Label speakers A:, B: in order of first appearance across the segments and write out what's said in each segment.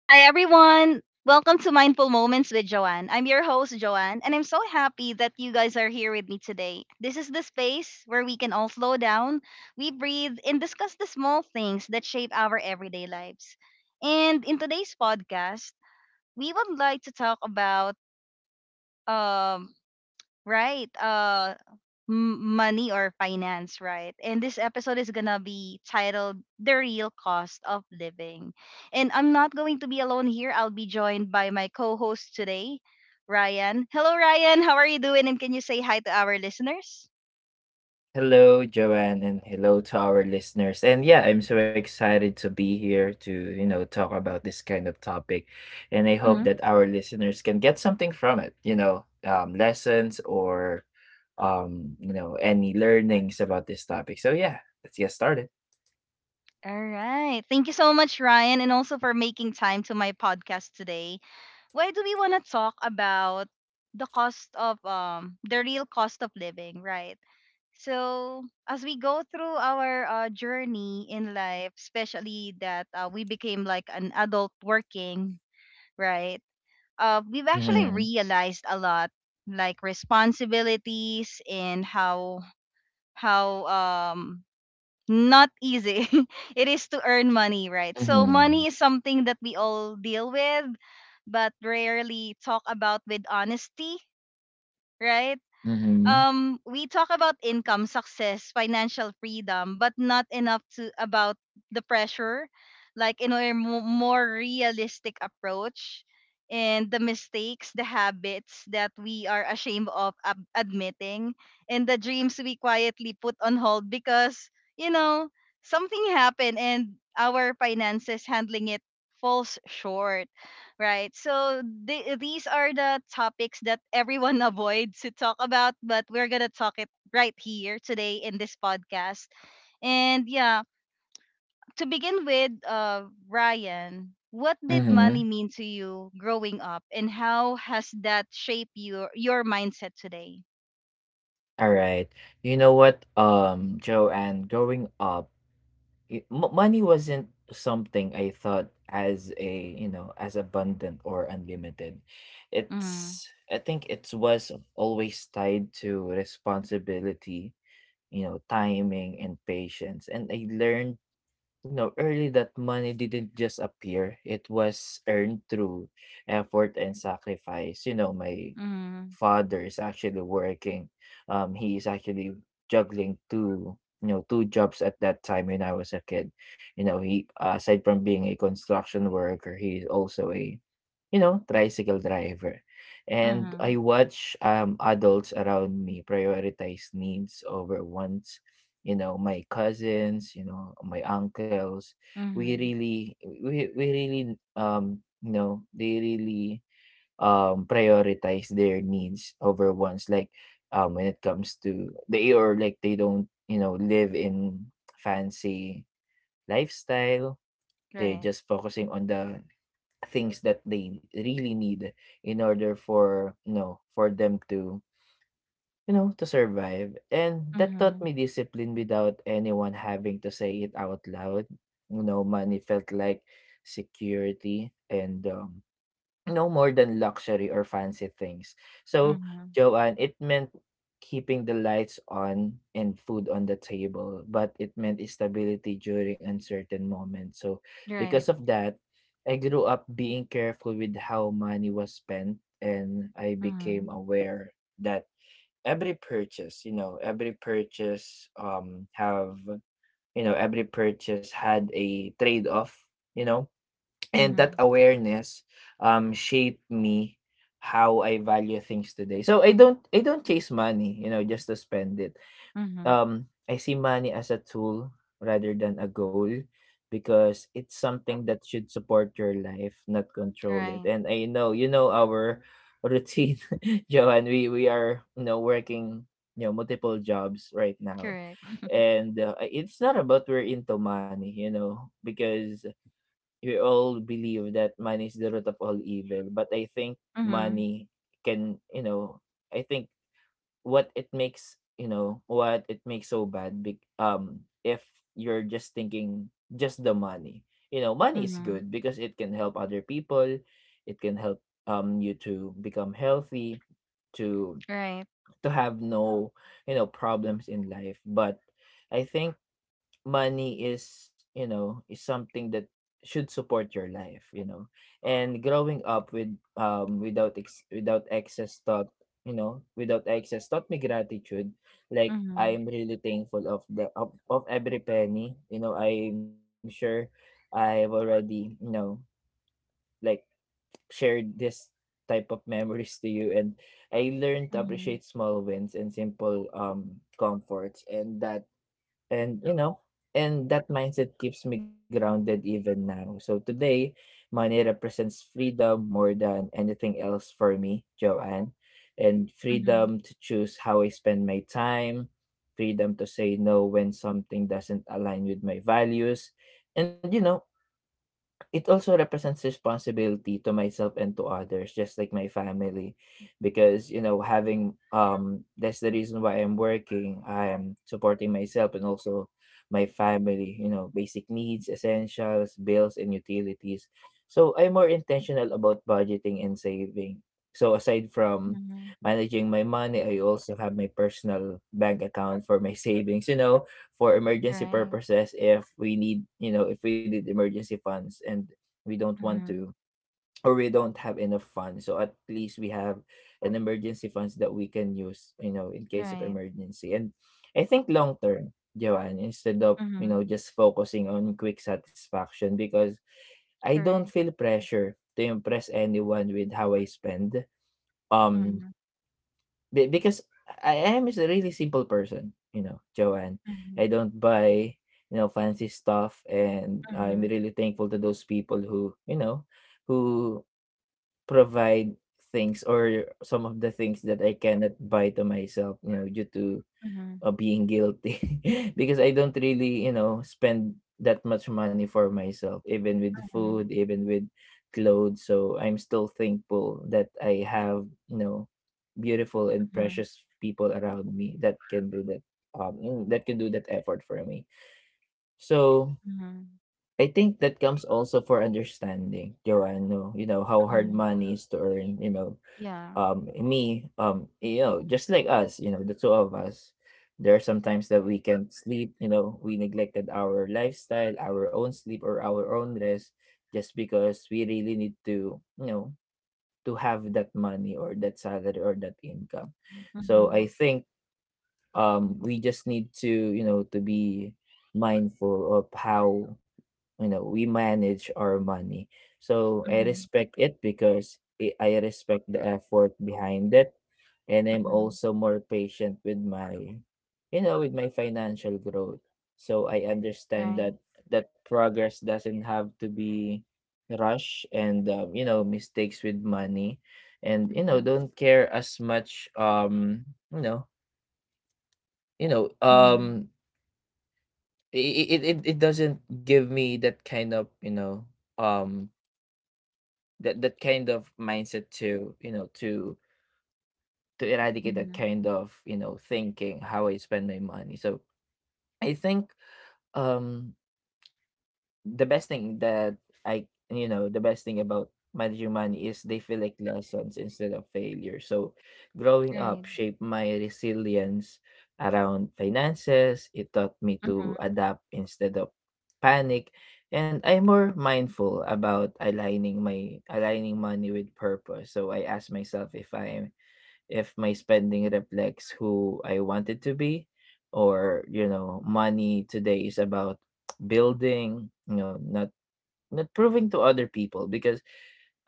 A: Hi, everyone. Welcome to Mindful Moments with Joanne. I'm your host, Joanne, and I'm so happy that you guys are here with me today. This is the space where we can all slow down, we breathe, and discuss the small things that shape our everyday lives. And in today's podcast, we would like to talk about um, right? Money or finance, right? And this episode is gonna be titled "The Real Cost of Living," and I'm not going to be alone here. I'll be joined by my co-host today, Ryan. Hello, Ryan. How are you doing? And can you say hi to our listeners?
B: Hello, Joanne, and hello to our listeners. And yeah, I'm so excited to be here to, you know, talk about this kind of topic. And I hope
A: Hmm.
B: that our listeners can get something from it, you know, lessons or, you know, any learnings about this topic. So yeah, let's get started.
A: All right. Thank you so much, Ryan, and also for making time to my podcast today. Why do we want to talk about the real cost of living, right? So as we go through our journey in life, especially that we became like an adult working, right? We've actually
B: Mm-hmm.
A: realized a lot, like responsibilities and how how not easy it is to earn money, right? So
B: Mm-hmm.
A: money is something that we all deal with, but rarely talk about with honesty, right?
B: Mm-hmm.
A: We talk about income, success, financial freedom, but not enough to about the pressure, like in a more realistic approach, and the mistakes, the habits that we are ashamed of admitting, and the dreams we quietly put on hold because you know something happened and our finances handling it falls short. Right. So these are the topics that everyone avoids to talk about, but we're going to talk it right here today in this podcast. And yeah, to begin with, Ryan, what did
B: Mm-hmm.
A: money mean to you growing up, and how has that shaped your mindset today?
B: All right. You know what, Joanne, growing up, it, mo money wasn't something I thought as a, you know, as abundant or unlimited.
A: Mm-hmm.
B: It's I think it was always tied to responsibility, you know, timing and patience. And I learned, you know, early that money didn't just appear. It was earned through effort and sacrifice. You know, my
A: Mm-hmm.
B: father is actually working. He is actually juggling two jobs at that time when I was a kid. You know, he, aside from being a construction worker, he is also a, you know, tricycle driver. And
A: Mm-hmm.
B: I watch adults around me prioritize needs over wants, you know, my cousins, you know, my uncles. we
A: Mm-hmm.
B: really we, we really, you know, they really prioritize their needs over ones, like, when it comes to they, or like, they don't, you know, live in fancy lifestyle. They're
A: Right.
B: just focusing on the things that they really need in order for, you know, for them to, you know, to survive. And that taught
A: Mm-hmm.
B: me discipline without anyone having to say it out loud. You know, money felt like security and, no more than luxury or fancy things. So,
A: Mm-hmm.
B: Joanne, it meant keeping the lights on and food on the table, but it meant stability during uncertain moments. So,
A: Right.
B: because of that, I grew up being careful with how money was spent, and I
A: Mm-hmm.
B: became aware that every purchase, you know, every purchase had a trade off you know. And that
A: Mm-hmm.
B: awareness, shaped me how I value things today. So I don't chase money, you know, just to spend it.
A: Mm-hmm.
B: I see money as a tool rather than a goal, because it's something that should support your life, not control it.
A: Right.
B: And I know, you know, our routine, Johan, we are, you know, working, you know, multiple jobs right now.
A: Correct.
B: And it's not about we're into money, you know, because we all believe that money is the root of all evil. But I think
A: Mm-hmm.
B: money can, you know, I think what it makes, you know, what it makes so bad bec- if you're just thinking just the money, you know, money is
A: Mm-hmm.
B: good because it can help other people. It can help, you to become healthy, to
A: Right.
B: to have no, you know, problems in life. But I think money is, you know, is something that should support your life, you know. And growing up with without excess thought, you know, without excess, taught me gratitude. Like,
A: Mhm.
B: I'm really thankful of every penny. You know, I'm sure I've already, you know, like, shared this type of memories to you. And I learned to
A: Mhm.
B: appreciate small wins and simple comforts, and that, and, you know, and that mindset keeps me grounded even now. So today, money represents freedom more than anything else for me, Joanne. And
A: Mhm.
B: freedom to choose how I spend my time, freedom to say no when something doesn't align with my values. And, you know, it also represents responsibility to myself and to others, just like my family, because, you know, having that's the reason why I'm working. I am supporting myself and also my family. You know, basic needs, essentials, bills, and utilities. So I'm more intentional about budgeting and saving. So aside from
A: Mhm.
B: managing my money, I also have my personal bank account for my savings. You know, for emergency
A: Right.
B: purposes, if we need you know if we need emergency funds, and we don't want
A: Mhm.
B: to, or we don't have enough funds, so at least we have an emergency funds that we can use, you know, in case of
A: Right.
B: emergency. And I think long term, Joanne, instead of, you
A: Mhm.
B: know, just focusing on quick satisfaction, because I don't
A: Correct.
B: feel pressure to impress anyone with how I spend. um
A: Mhm.
B: be because I am is a really simple person, you know, Joanne.
A: Mhm.
B: I don't buy, you know, fancy stuff, and I'm
A: Mhm.
B: really thankful to those people who, you know, who provide things or some of the things that I cannot buy to myself, you know, due to
A: Mhm.
B: of being guilty, because I don't really, you know, spend that much money for myself, even with food,
A: Mhm.
B: even with clothes. So I'm still thankful that I have, you know, beautiful and
A: Mhm.
B: precious people around me that can do that, you know, that can do that effort for me. So
A: Mhm.
B: I think that comes also for understanding, Joanne, no, you know, how hard
A: Mhm.
B: money is to earn, you know,
A: Yeah.
B: me you know, just like us, you know, the two of us, there are some times that we can't sleep, you know. We neglected our lifestyle, our own sleep, or our own rest, just because we really need to, you know, to have that money or that salary or that income. So I
A: Mhm.
B: think, we just need to, you know, to be mindful of how, you know, we manage our money. So I
A: Mhm.
B: respect it because I respect the effort behind it. And I'm
A: Mhm.
B: also more patient with my, you know, with my financial growth. So I understand
A: Right.
B: that that progress doesn't have to be rush and, you know, mistakes with money, and, you know,
A: Mhm.
B: don't care as much, you know
A: Mhm.
B: um it doesn't give me that kind of, you know, um that that kind of mindset to, you know, to eradicate that
A: Mhm.
B: kind of, you know, thinking how I spend my money. So I think, um the best thing that the best thing about managing money is they feel like lessons instead of failure. So growing up
A: Right.
B: shaped my resilience around finances. It taught me
A: Mhm.
B: to adapt instead of panic. And I'm more mindful about aligning my, aligning money with purpose. So I ask myself if I am, if my spending reflects who I want it to be, or, you know, money today is about building, you know, not not proving to other people. Because,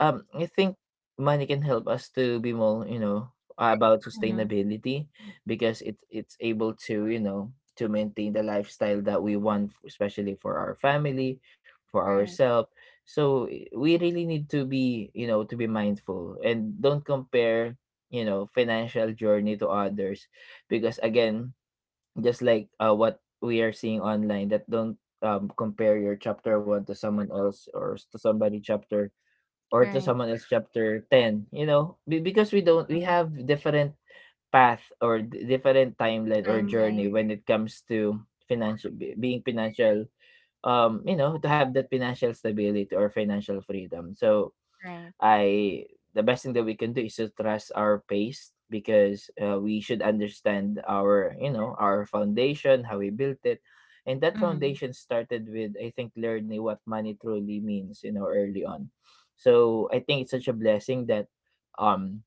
B: I think money can help us to be more, you know, about
A: Mhm.
B: sustainability, because it it's able to, you know, to maintain the lifestyle that we want, f- especially for our family, for
A: Right.
B: ourselves. So I- we really need to be, you know, to be mindful and don't compare, you know, financial journey to others, because, again, just like, what we are seeing online, that don't, compare your chapter one to someone else, or to somebody chapter, or to
A: Right.
B: someone else chapter 10. You know, because we don't we
A: Mhm.
B: have different path, or different timeline or journey
A: Timeline.
B: when it comes to financial, being financial, you know, to have that financial stability or financial freedom. So
A: Right.
B: I, the best thing that we can do is to trust our pace, because, we should understand our, you know, our foundation, how we built it, and that
A: Mhm.
B: foundation started with, I think, learning what money truly means, you know, early on. So I think it's such a blessing that, um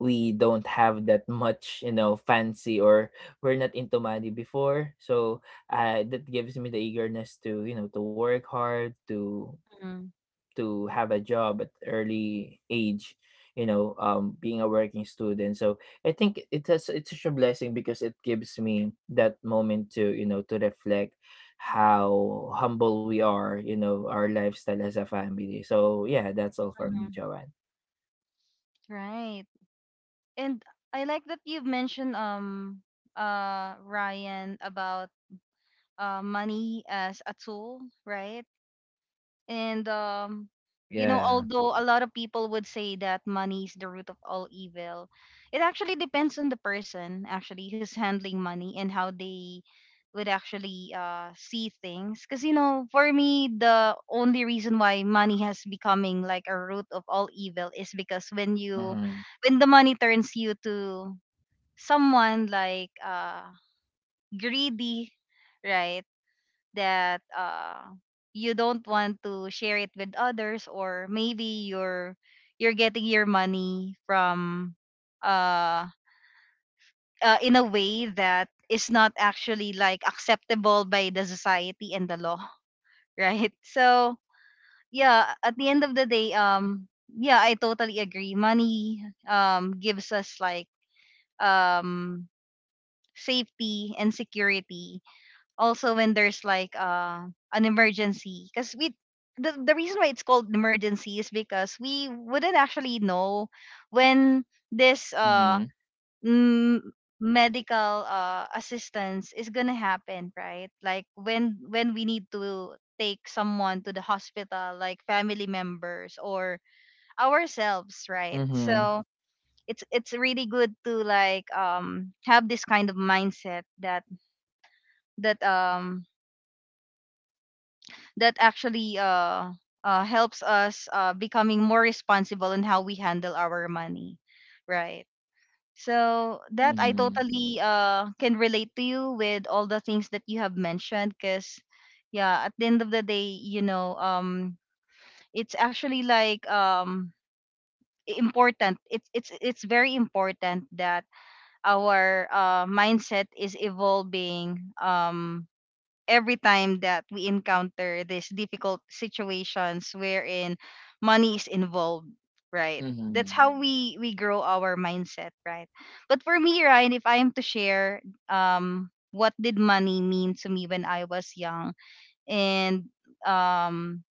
B: we don't have that much, you know, fancy, or we're not into money before. So that gives me the eagerness to, you know, to work hard,
A: Mhm.
B: to have a job at early age, you know, being a working student. So I think it has, it's such a blessing, because it gives me that moment to, you know, to reflect how humble we are, you know, our lifestyle as a family. So yeah, that's all for
A: Mhm.
B: me, Joanne.
A: Right. And I like that you've mentioned Ryan about money as a tool, right? And you know,
B: Yeah.
A: although a lot of people would say that money is the root of all evil, it actually depends on the person actually who's handling money and how they would actually see things. Because you know, for me, the only reason why money has becoming like a root of all evil is because when
B: Mm-hmm.
A: when the money turns you to someone like greedy, right? That you don't want to share it with others, or maybe you're getting your money from uh, in a way that is not actually like acceptable by the society and the law. Right. So yeah, at the end of the day, yeah, I totally agree. Money gives us like um safety and security, also when there's like an emergency, because the reason why it's called emergency is because we wouldn't actually know when this uh
B: Mm-hmm.
A: m- medical assistance is gonna happen, right? Like when we need to take someone to the hospital, like family members or ourselves, right?
B: Mm-hmm.
A: So it's really good to like have this kind of mindset that um that actually helps us becoming more responsible in how we handle our money, right? So that I
B: Mm-hmm.
A: totally can relate to you with all the things that you have mentioned. Because yeah, at the end of the day, you know, it's actually like important. It's it's very important that our mindset is evolving, um, every time that we encounter these difficult situations wherein money is involved, right? That's
B: Mm-hmm.
A: how we grow our mindset, right? But for me, Ryan, if I am to share, what did money mean to me when I was young, and um,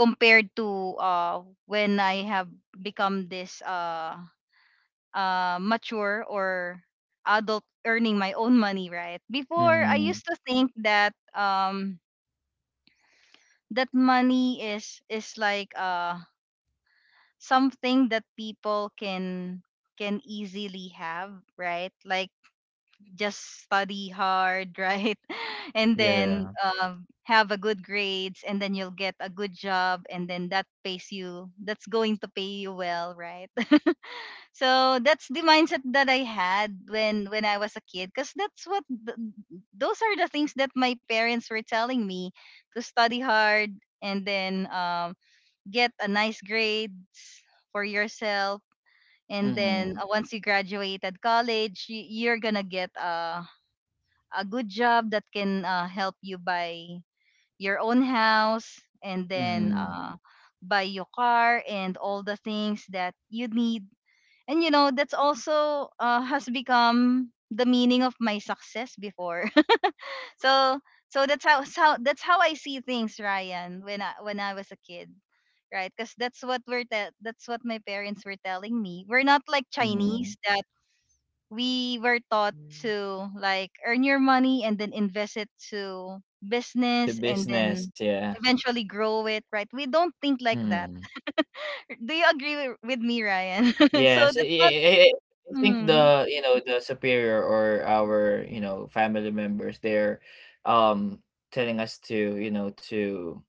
A: compared to uh when I have become this mature or adult earning my own money, right? Before, I
B: Mm-hmm.
A: used to think that that money is like something that people can easily have, right? Like just study hard, right? And then
B: Yeah.
A: have a good grades, and then you'll get a good job, and then that's going to pay you well, right? So that's the mindset that I had when I was a kid, because that's what those are the things that my parents were telling me, to study hard and then get a nice grades for yourself, and
B: Mm-hmm.
A: then once you graduated college, you're gonna get a good job that can help you buy your own house and then
B: Mm-hmm.
A: buy your car and all the things that you need. And you know, that's also has become the meaning of my success before. So so that's how I see things, Ryan, when I was a kid, right? Because that's what that's what my parents were telling me. We're not like
B: Mm-hmm.
A: Chinese that we were taught to like earn your money and then invest it to
B: The
A: business and
B: business,
A: then
B: yeah.
A: eventually grow it, right? We don't think like that.
B: Mm-hmm.
A: Do you agree with me, Ryan? So
B: Yes,
A: that's not.
B: I think
A: Mm,
B: the, you know, the superior or our, you know, family members, they're, um, telling us to, you know,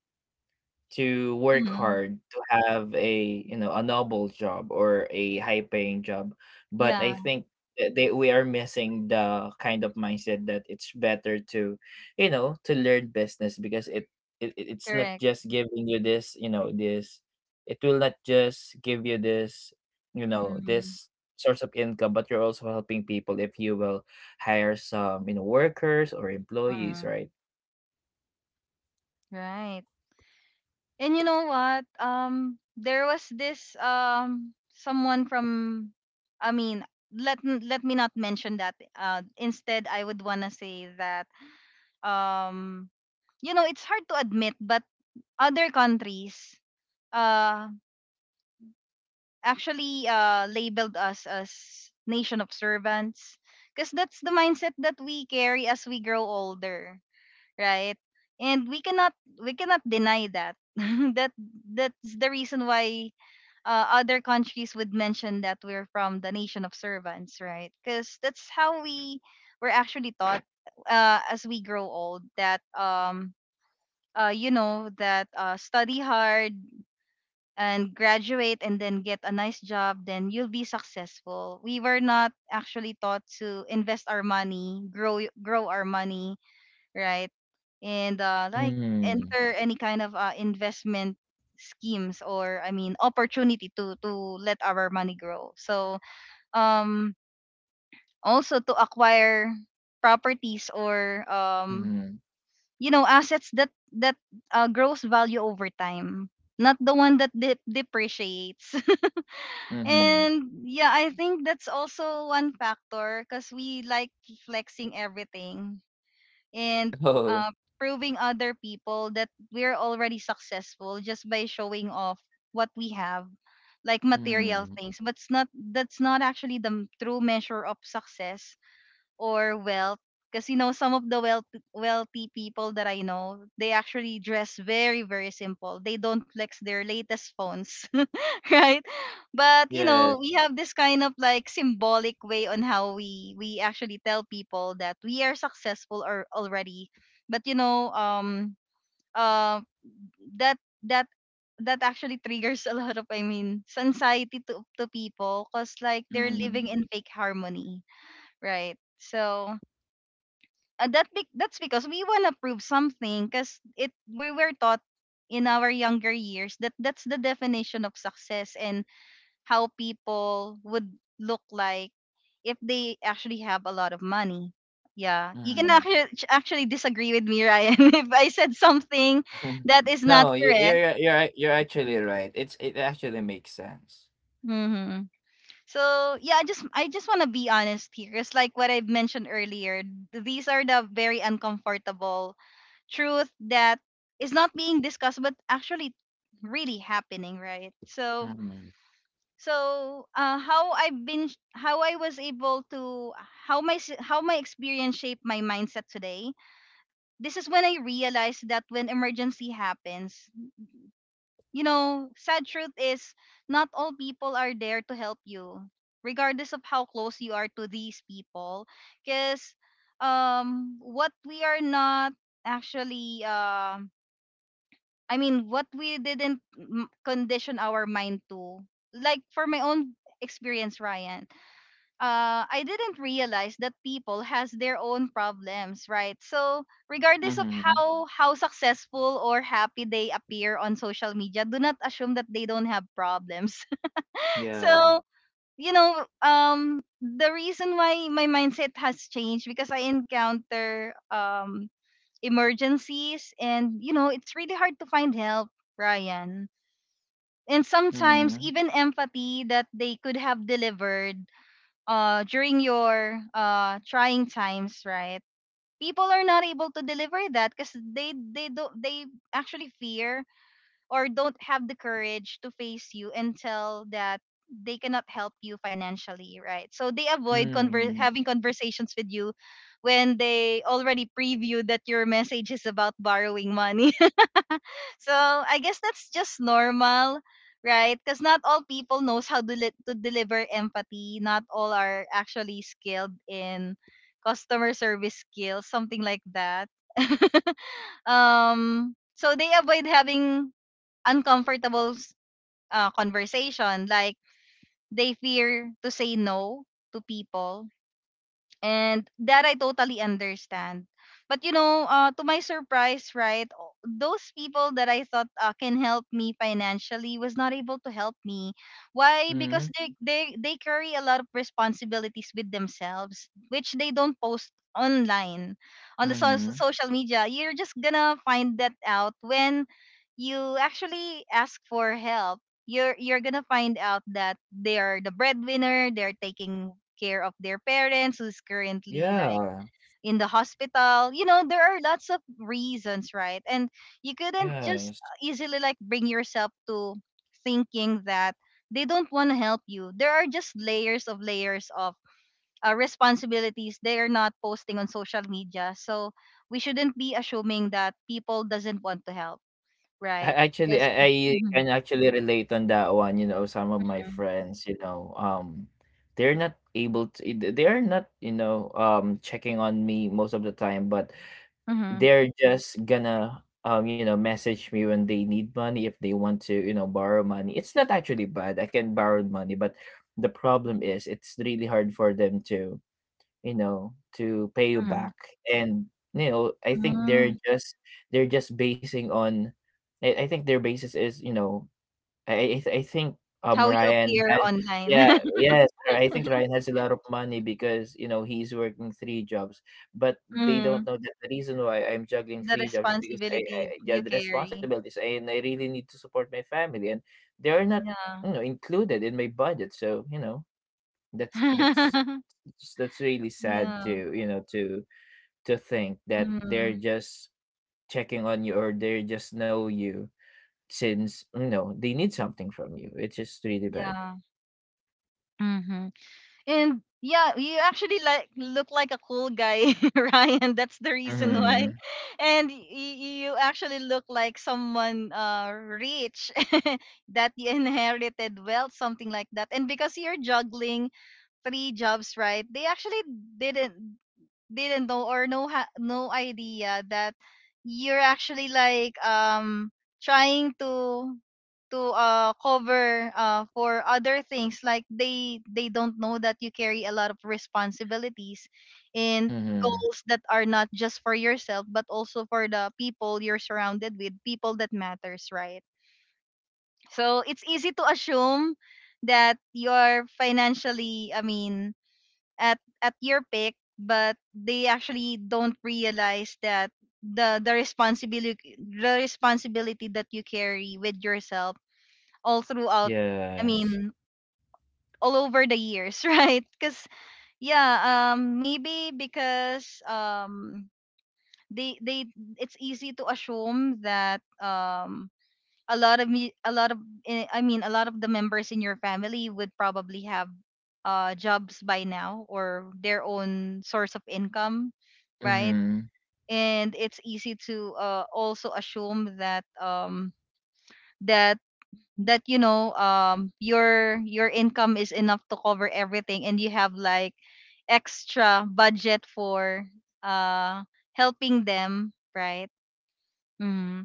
B: to work
A: mm,
B: hard to have a, you know, a noble job or a high paying job. But I
A: yeah,
B: think that they, we are missing the kind of mindset that it's better to, you know, to learn business, because it's not
A: correct.
B: just giving you this, you know, this it will not just give you this, you know,
A: Mm,
B: this source of income, but you're also helping people if you will hire some, you know, workers or employees,
A: mm,
B: right?
A: right. And you know what? There was this someone from, I mean, let let me not mention that. Instead, I would wanna say that um, you know, it's hard to admit, but other countries uh actually labeled us as nation of servants, because that's the mindset that we carry as we grow older, right? And we cannot deny that. That that's the reason why other countries would mention that we're from the nation of servants, right? Because that's how we were actually taught, as we grow old, that you know that study hard and graduate and then get a nice job, then you'll be successful. We were not actually taught to invest our money, grow our money, right? And like
B: Mm.
A: enter any kind of investment schemes, or I mean opportunity to let our money grow. So um, also to acquire properties or
B: Mm.
A: you know, assets that that grows value over time, not the one that depreciates.
B: Mm-hmm.
A: And yeah, I think that's also one factor, because we like flexing everything. And uh, proving other people that we're already successful just by showing off what we have, like material
B: Mhm.
A: things. But it's not, that's not actually the true measure of success or wealth, because you know, some of the wealthy people that I know, they actually dress very very simple. They don't flex their latest phones. Right? But you know,
B: Yes.
A: we have this kind of like symbolic way on how we actually tell people that we are successful or already. But you know, uh, that that that actually triggers a lot of, I mean, anxiety to people, because like they're
B: Mhm.
A: living in fake harmony, right? So. That that's because we wanna prove something, 'cause it we were taught in our younger years that that's the definition of success and how people would look like if they actually have a lot of money. Yeah, you can
B: Mhm.
A: actually actually disagree with me, Ryan, if I said something that is not
B: No,
A: correct.
B: you're actually right. It actually makes sense.
A: Hmm. So yeah, I just want to be honest here, because like what I've mentioned earlier, these are the very uncomfortable truth that is not being discussed, but actually really happening, right? So
B: Mhm.
A: so how I've been, how I was able to, how how my experience shaped my mindset today. This is when I realized that when emergency happens, you know, sad truth is not all people are there to help you, regardless of how close you are to these people, because what we are not actually I mean what we didn't condition our mind to, like for my own experience, Ryan, I didn't realize that people has their own problems, right? So regardless of
B: Mhm.
A: how successful or happy they appear on social media, do not assume that they don't have problems.
B: Yeah.
A: So you know, the reason why my mindset has changed, because I encounter emergencies, and you know, it's really hard to find help, Ryan. And sometimes
B: Mhm.
A: even empathy that they could have delivered during your trying times, right? People are not able to deliver that because they actually fear or don't have the courage to face you until that they cannot help you financially, right? So they avoid
B: Mhm.
A: having conversations with you when they already preview that your message is about borrowing money. So I guess that's just normal, right? Because not all people knows how to, to deliver empathy. Not all are actually skilled in customer service skills, something like that. So they avoid having uncomfortable s- conversation. Like they fear to say no to people, and that I totally understand. But you know, to my surprise, right, those people that I thought can help me financially was not able to help me. Why? Because
B: Mhm.
A: they carry a lot of responsibilities with themselves, which they don't post online on the
B: Mhm.
A: social media. You're just gonna find that out when you actually ask for help. You're gonna find out that they're the breadwinner, they're taking care of their parents who's currently like
B: Yeah.
A: in the hospital. You know, there are lots of reasons, right? And you couldn't just
B: Yes.
A: easily like bring yourself to thinking that they don't want to help you. There are just layers of responsibilities they are not posting on social media. So we shouldn't be assuming that people doesn't want to help,
B: I
A: right?
B: actually,
A: Because
B: I I can
A: Mhm.
B: actually relate on that one, you know, some of my friends, you know, they're not able to they're not, you know, checking on me most of the time, but
A: Mhm.
B: they're just gonna, you know, message me when they need money, if they want to, you know, borrow money. It's not actually bad. I can borrow money, but the problem is it's really hard for them to, you know, to pay you
A: Mhm.
B: back. And, you know, I think
A: Mm.
B: they're just basing on I think their basis is, you know, I think,
A: How you
B: Ryan
A: appear
B: has yeah,
A: online.
B: yes, I think Ryan has a lot of money because, you know, he's working 3 jobs, but they
A: Mm.
B: don't know that the reason why I'm juggling
A: The
B: 3 jobs because I
A: responsibility
B: yeah,
A: you
B: the
A: carry.
B: responsibilities, and I really need to support my family, and they are not,
A: Yeah.
B: you know, included in my budget, so, you know, that's s that's really sad
A: Yeah.
B: to, you know, to think that
A: Mm.
B: they're just checking on you or they just know you since you know they need something from you. It's just really bad.
A: Yeah. Mm-hmm. And yeah, you actually like look like a cool guy, Ryan. That's the reason why.
B: Mhm.
A: And you actually look like someone rich that you inherited wealth, something like that. And because you're juggling three jobs, right? They actually didn't. Didn't know or no no idea that you're actually like trying to to cover for other things. Like they don't know that you carry a lot of responsibilities and
B: Mhm.
A: goals that are not just for yourself but also for the people you're surrounded with, people that matters, right? So it's easy to assume that you're financially, I mean, at your pick, but they actually don't realize that the responsibility that you carry with yourself all throughout. I
B: Yes.
A: mean, all over the years, right? Because yeah, maybe because they it's easy to assume that a lot of me a lot of eh, I mean a lot of the members in your family would probably have jobs by now or their own source of income, right?
B: Mhm.
A: And it's easy to also assume that that you know, your income is enough to cover everything, and you have like extra budget for uh helping them, right? Mm-hmm.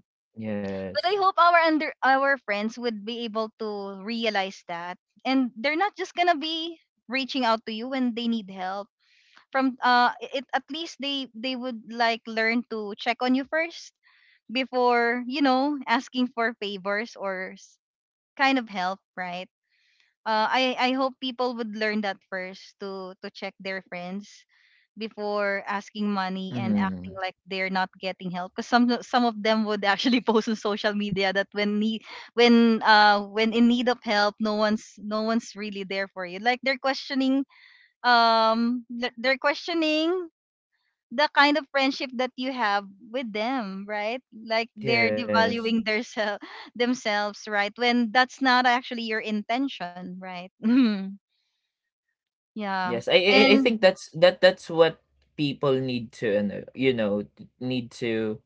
A: But I
B: Yes.
A: hope our under our friends would be able to realize that, and they're not just gonna be reaching out to you when they need help. From it at least they would like learn to check on you first before you know asking for favors or kind of help, right? I hope people would learn that first to check their friends before asking money and acting
B: Mhm.
A: like they're not getting help, because some of them would actually post on social media that when need, when in need of help, no one's really there for you. Like they're questioning, they're questioning the kind of friendship that you have with them, right? Like they're
B: Yes.
A: devaluing their self, themselves, right? When that's not actually your intention, right? Yeah.
B: Yes. I
A: And
B: think that's that's what people need to know, you know, need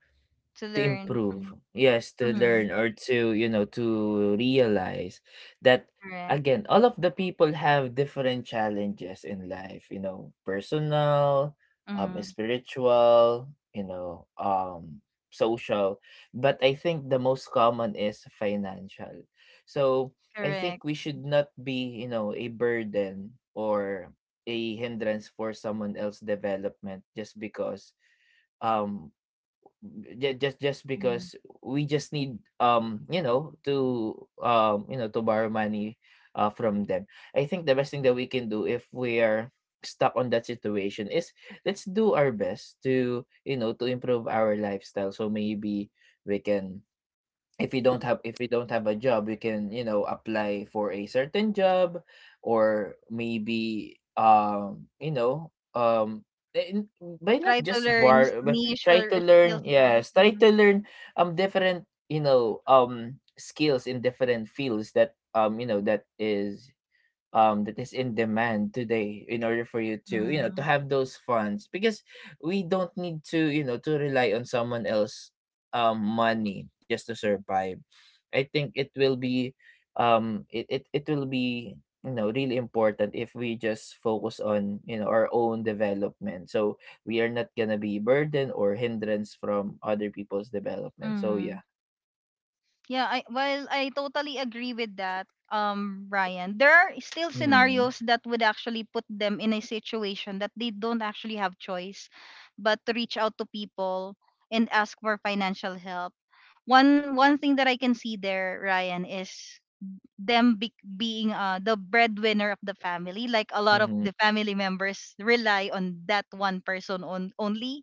A: to
B: to
A: learn Mhm.
B: improve, yes, to
A: Mhm.
B: learn or to, you know, to realize that,
A: Correct.
B: again, all of the people have different challenges in life, you know, personal, um,
A: Mm-hmm.
B: spiritual, you know, um, social, but I think the most common is financial, so I
A: Correct.
B: think we should not be, you know, a burden or a hindrance for someone else development just because, um just
A: Mhm.
B: because we just need, um, you know, to you know to borrow money from them. I think the best thing that we can do if we are stuck on that situation is let's do our best to, you know, to improve our lifestyle so maybe we can, if you don't have a job you can, you know, apply for a certain job, or maybe, you know, eh, n- by not
A: Try to
B: just
A: learn
B: bar but
A: niche
B: try
A: or
B: to
A: skills,
B: learn,
A: right?
B: yes, try
A: Mhm.
B: to learn, um, different, you know, um, skills in different fields that, um, you know, that is in demand today in order for you to, you know, to
A: Mm,
B: have those funds because we don't need to, you know, to rely on someone else money just to survive. I think it will be, it will be, you know, really important if we just focus on, you know, our own development, so we are not gonna be burden or hindrance from other people's development, so
A: mm,
B: yeah.
A: yeah, I well, I totally agree with that, Brian. There are still
B: Mm-hmm.
A: scenarios that would actually put them in a situation that they don't actually have choice but to reach out to people and ask for financial help. One thing that I can see there, Ryan, is them being the breadwinner of the family, like a lot of
B: Mm-hmm.
A: the family members rely on that one person on only,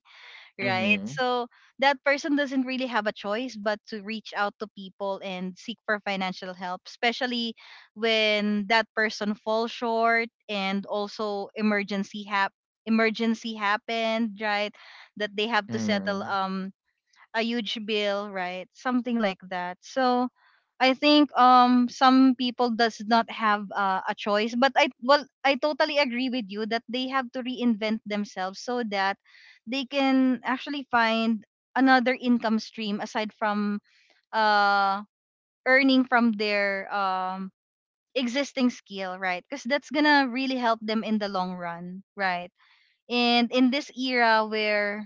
A: right?
B: Mm-hmm.
A: So that person doesn't really have a choice but to reach out to people and seek for financial help, especially when that person falls short and also emergency hap emergency happened, right? That they have to settle
B: Mm-hmm.
A: a huge bill, right? Something like that. So I think some people does not have a choice, but I well I totally agree with you that they have to reinvent themselves so that they can actually find another income stream aside from uh earning from their existing skill, right? Because that's gonna really help them in the long run, right? And in this era where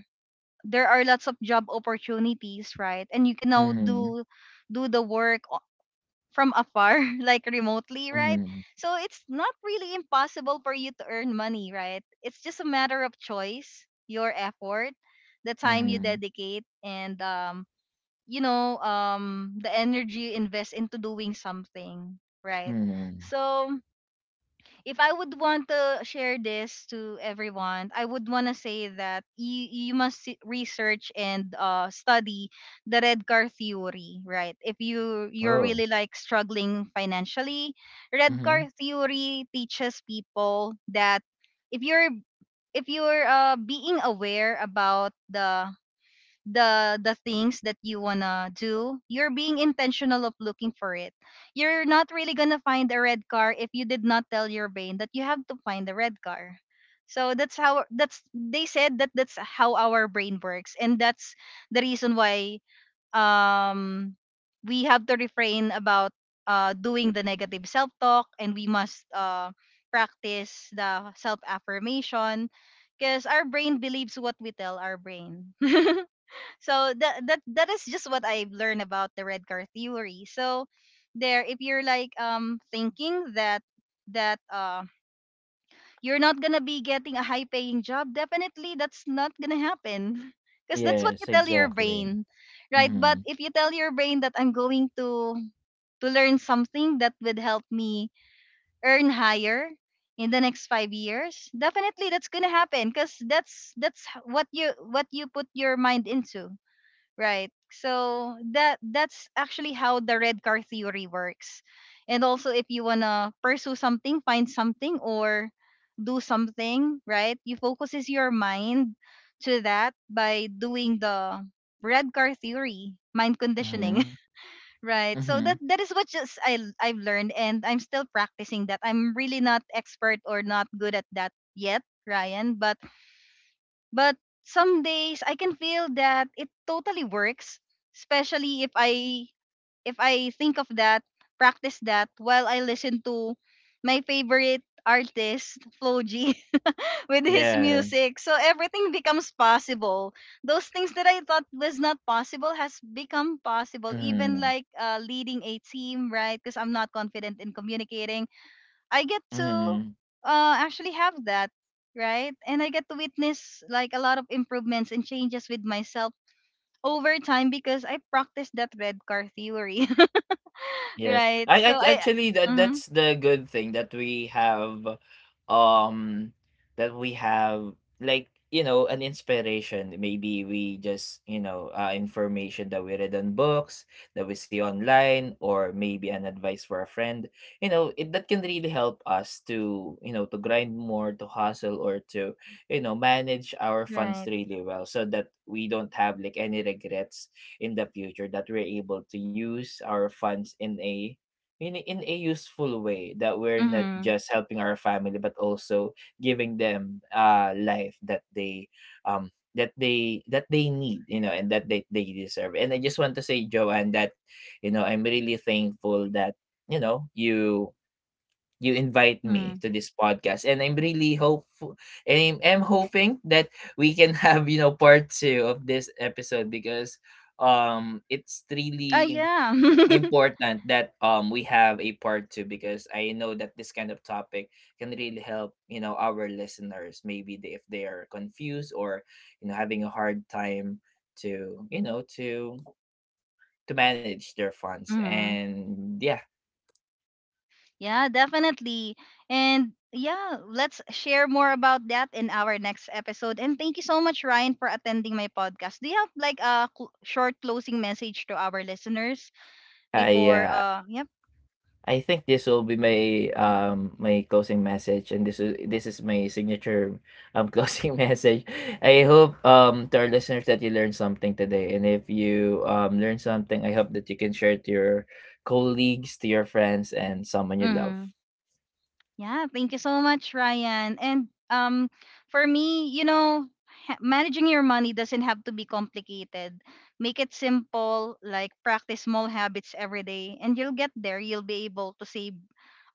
A: there are lots of job opportunities, right? And you can now
B: Mm-hmm.
A: do the work from afar, like remotely, right?
B: Mm-hmm.
A: So it's not really impossible for you to earn money, right? It's just a matter of choice, your effort, the time you
B: Mm-hmm.
A: dedicate, and you know, the energy you invest into doing something, right?
B: Mm.
A: So if I would want to share this to everyone, I would want to say that you must research and study the red car theory, right? If you're
B: Oh.
A: really like struggling financially, red car
B: Mhm.
A: theory teaches people that if you're if you're being aware about the the things that you wanna do, you're being intentional of looking for it. You're not really gonna find a red car if you did not tell your brain that you have to find a red car. So that's how, that's they said that, that's how our brain works, and that's the reason why um we have to refrain about doing the negative self talk, and we must practice the self affirmation, because our brain believes what we tell our brain. So that is just what I've learned about the red car theory. So there, if you're like thinking that that you're not gonna be getting a high paying job, definitely that's not gonna happen. Because that's what you
B: Yes,
A: tell your
B: exactly.
A: brain. Right? But
B: Mhm.
A: if you tell your brain that I'm going to learn something that would help me earn higher in the next 5 years, definitely that's gonna happen because what you put your mind into. Right. So that that's actually how the red car theory works. And also if you wanna pursue something, find something, or do something, right? You focuses your mind to that by doing the red car theory, mind conditioning.
B: Mhm.
A: Right. So
B: Mhm.
A: that, that is what just I've learned, and I'm still practicing that. I'm really not expert or not good at that yet, Ryan, but some days I can feel that it totally works, especially if I think of that, practice that while I listen to my favorite artist, Floji, with his
B: Yeah.
A: music. So everything becomes possible. Those things that I thought was not possible has become possible, even
B: Mhm.
A: like leading a team, right? Because I'm not confident in communicating, I get to
B: Mhm.
A: actually have that, right? And I get to witness like a lot of improvements and changes with myself over time because I practiced that red car theory,
B: Yes.
A: right?
B: I
A: So I,
B: actually, that
A: mm,
B: that's the good thing that we have, um that we have like, you know, an inspiration, maybe we just, you know, information that we read on books, that we see online, or maybe an advice for a friend, you know it, that can really help us to, you know, to grind more, to hustle, or to, you know, manage our funds
A: right.
B: really well so that we don't have like any regrets in the future, that we're able to use our funds in a useful way, that we're not
A: Mm-hmm.
B: just helping our family but also giving them life that they, um that they need, you know, and that they deserve. And I just want to say Joanne that, you know, I'm really thankful that, you know, you invite
A: Mm-hmm.
B: me to this podcast, and I'm really hopeful, and I'm hoping that we can have, you know, part two of this episode, because it's really
A: Yeah.
B: important that we have a part two because I know that this kind of topic can really help, you know, our listeners. Maybe they, if they are confused or, you know, having a hard time to, you know, to manage their funds,
A: Mm-hmm.
B: and yeah,
A: Yeah, definitely. And yeah, let's share more about that in our next episode. And thank you so much, Ryan, for attending my podcast. Do you have like a short closing message to our listeners
B: i
A: before
B: uh,
A: yeah
B: I think this will be my, my closing message, and this is my signature closing message. I hope, to our listeners, that you learned something today, and if you, learn something, I hope that you can share it to your colleagues, to your friends, and someone you love.
A: Mm-hmm. Yeah, thank you so much, Ryan. And for me, you know, managing your money doesn't have to be complicated. Make it simple, like practice small habits every day, and you'll get there. You'll be able to save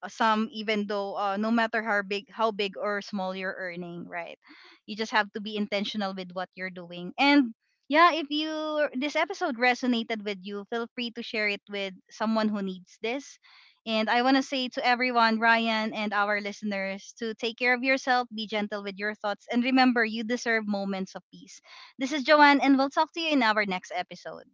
A: some, even though no matter how big or small you're earning, right? You just have to be intentional with what you're doing, and yeah, if you this episode resonated with you, feel free to share it with someone who needs this. And I want to say to everyone, Ryan and our listeners, to take care of yourself, be gentle with your thoughts, and remember you deserve moments of peace. This is Joanne, and we'll talk to you in our next episode.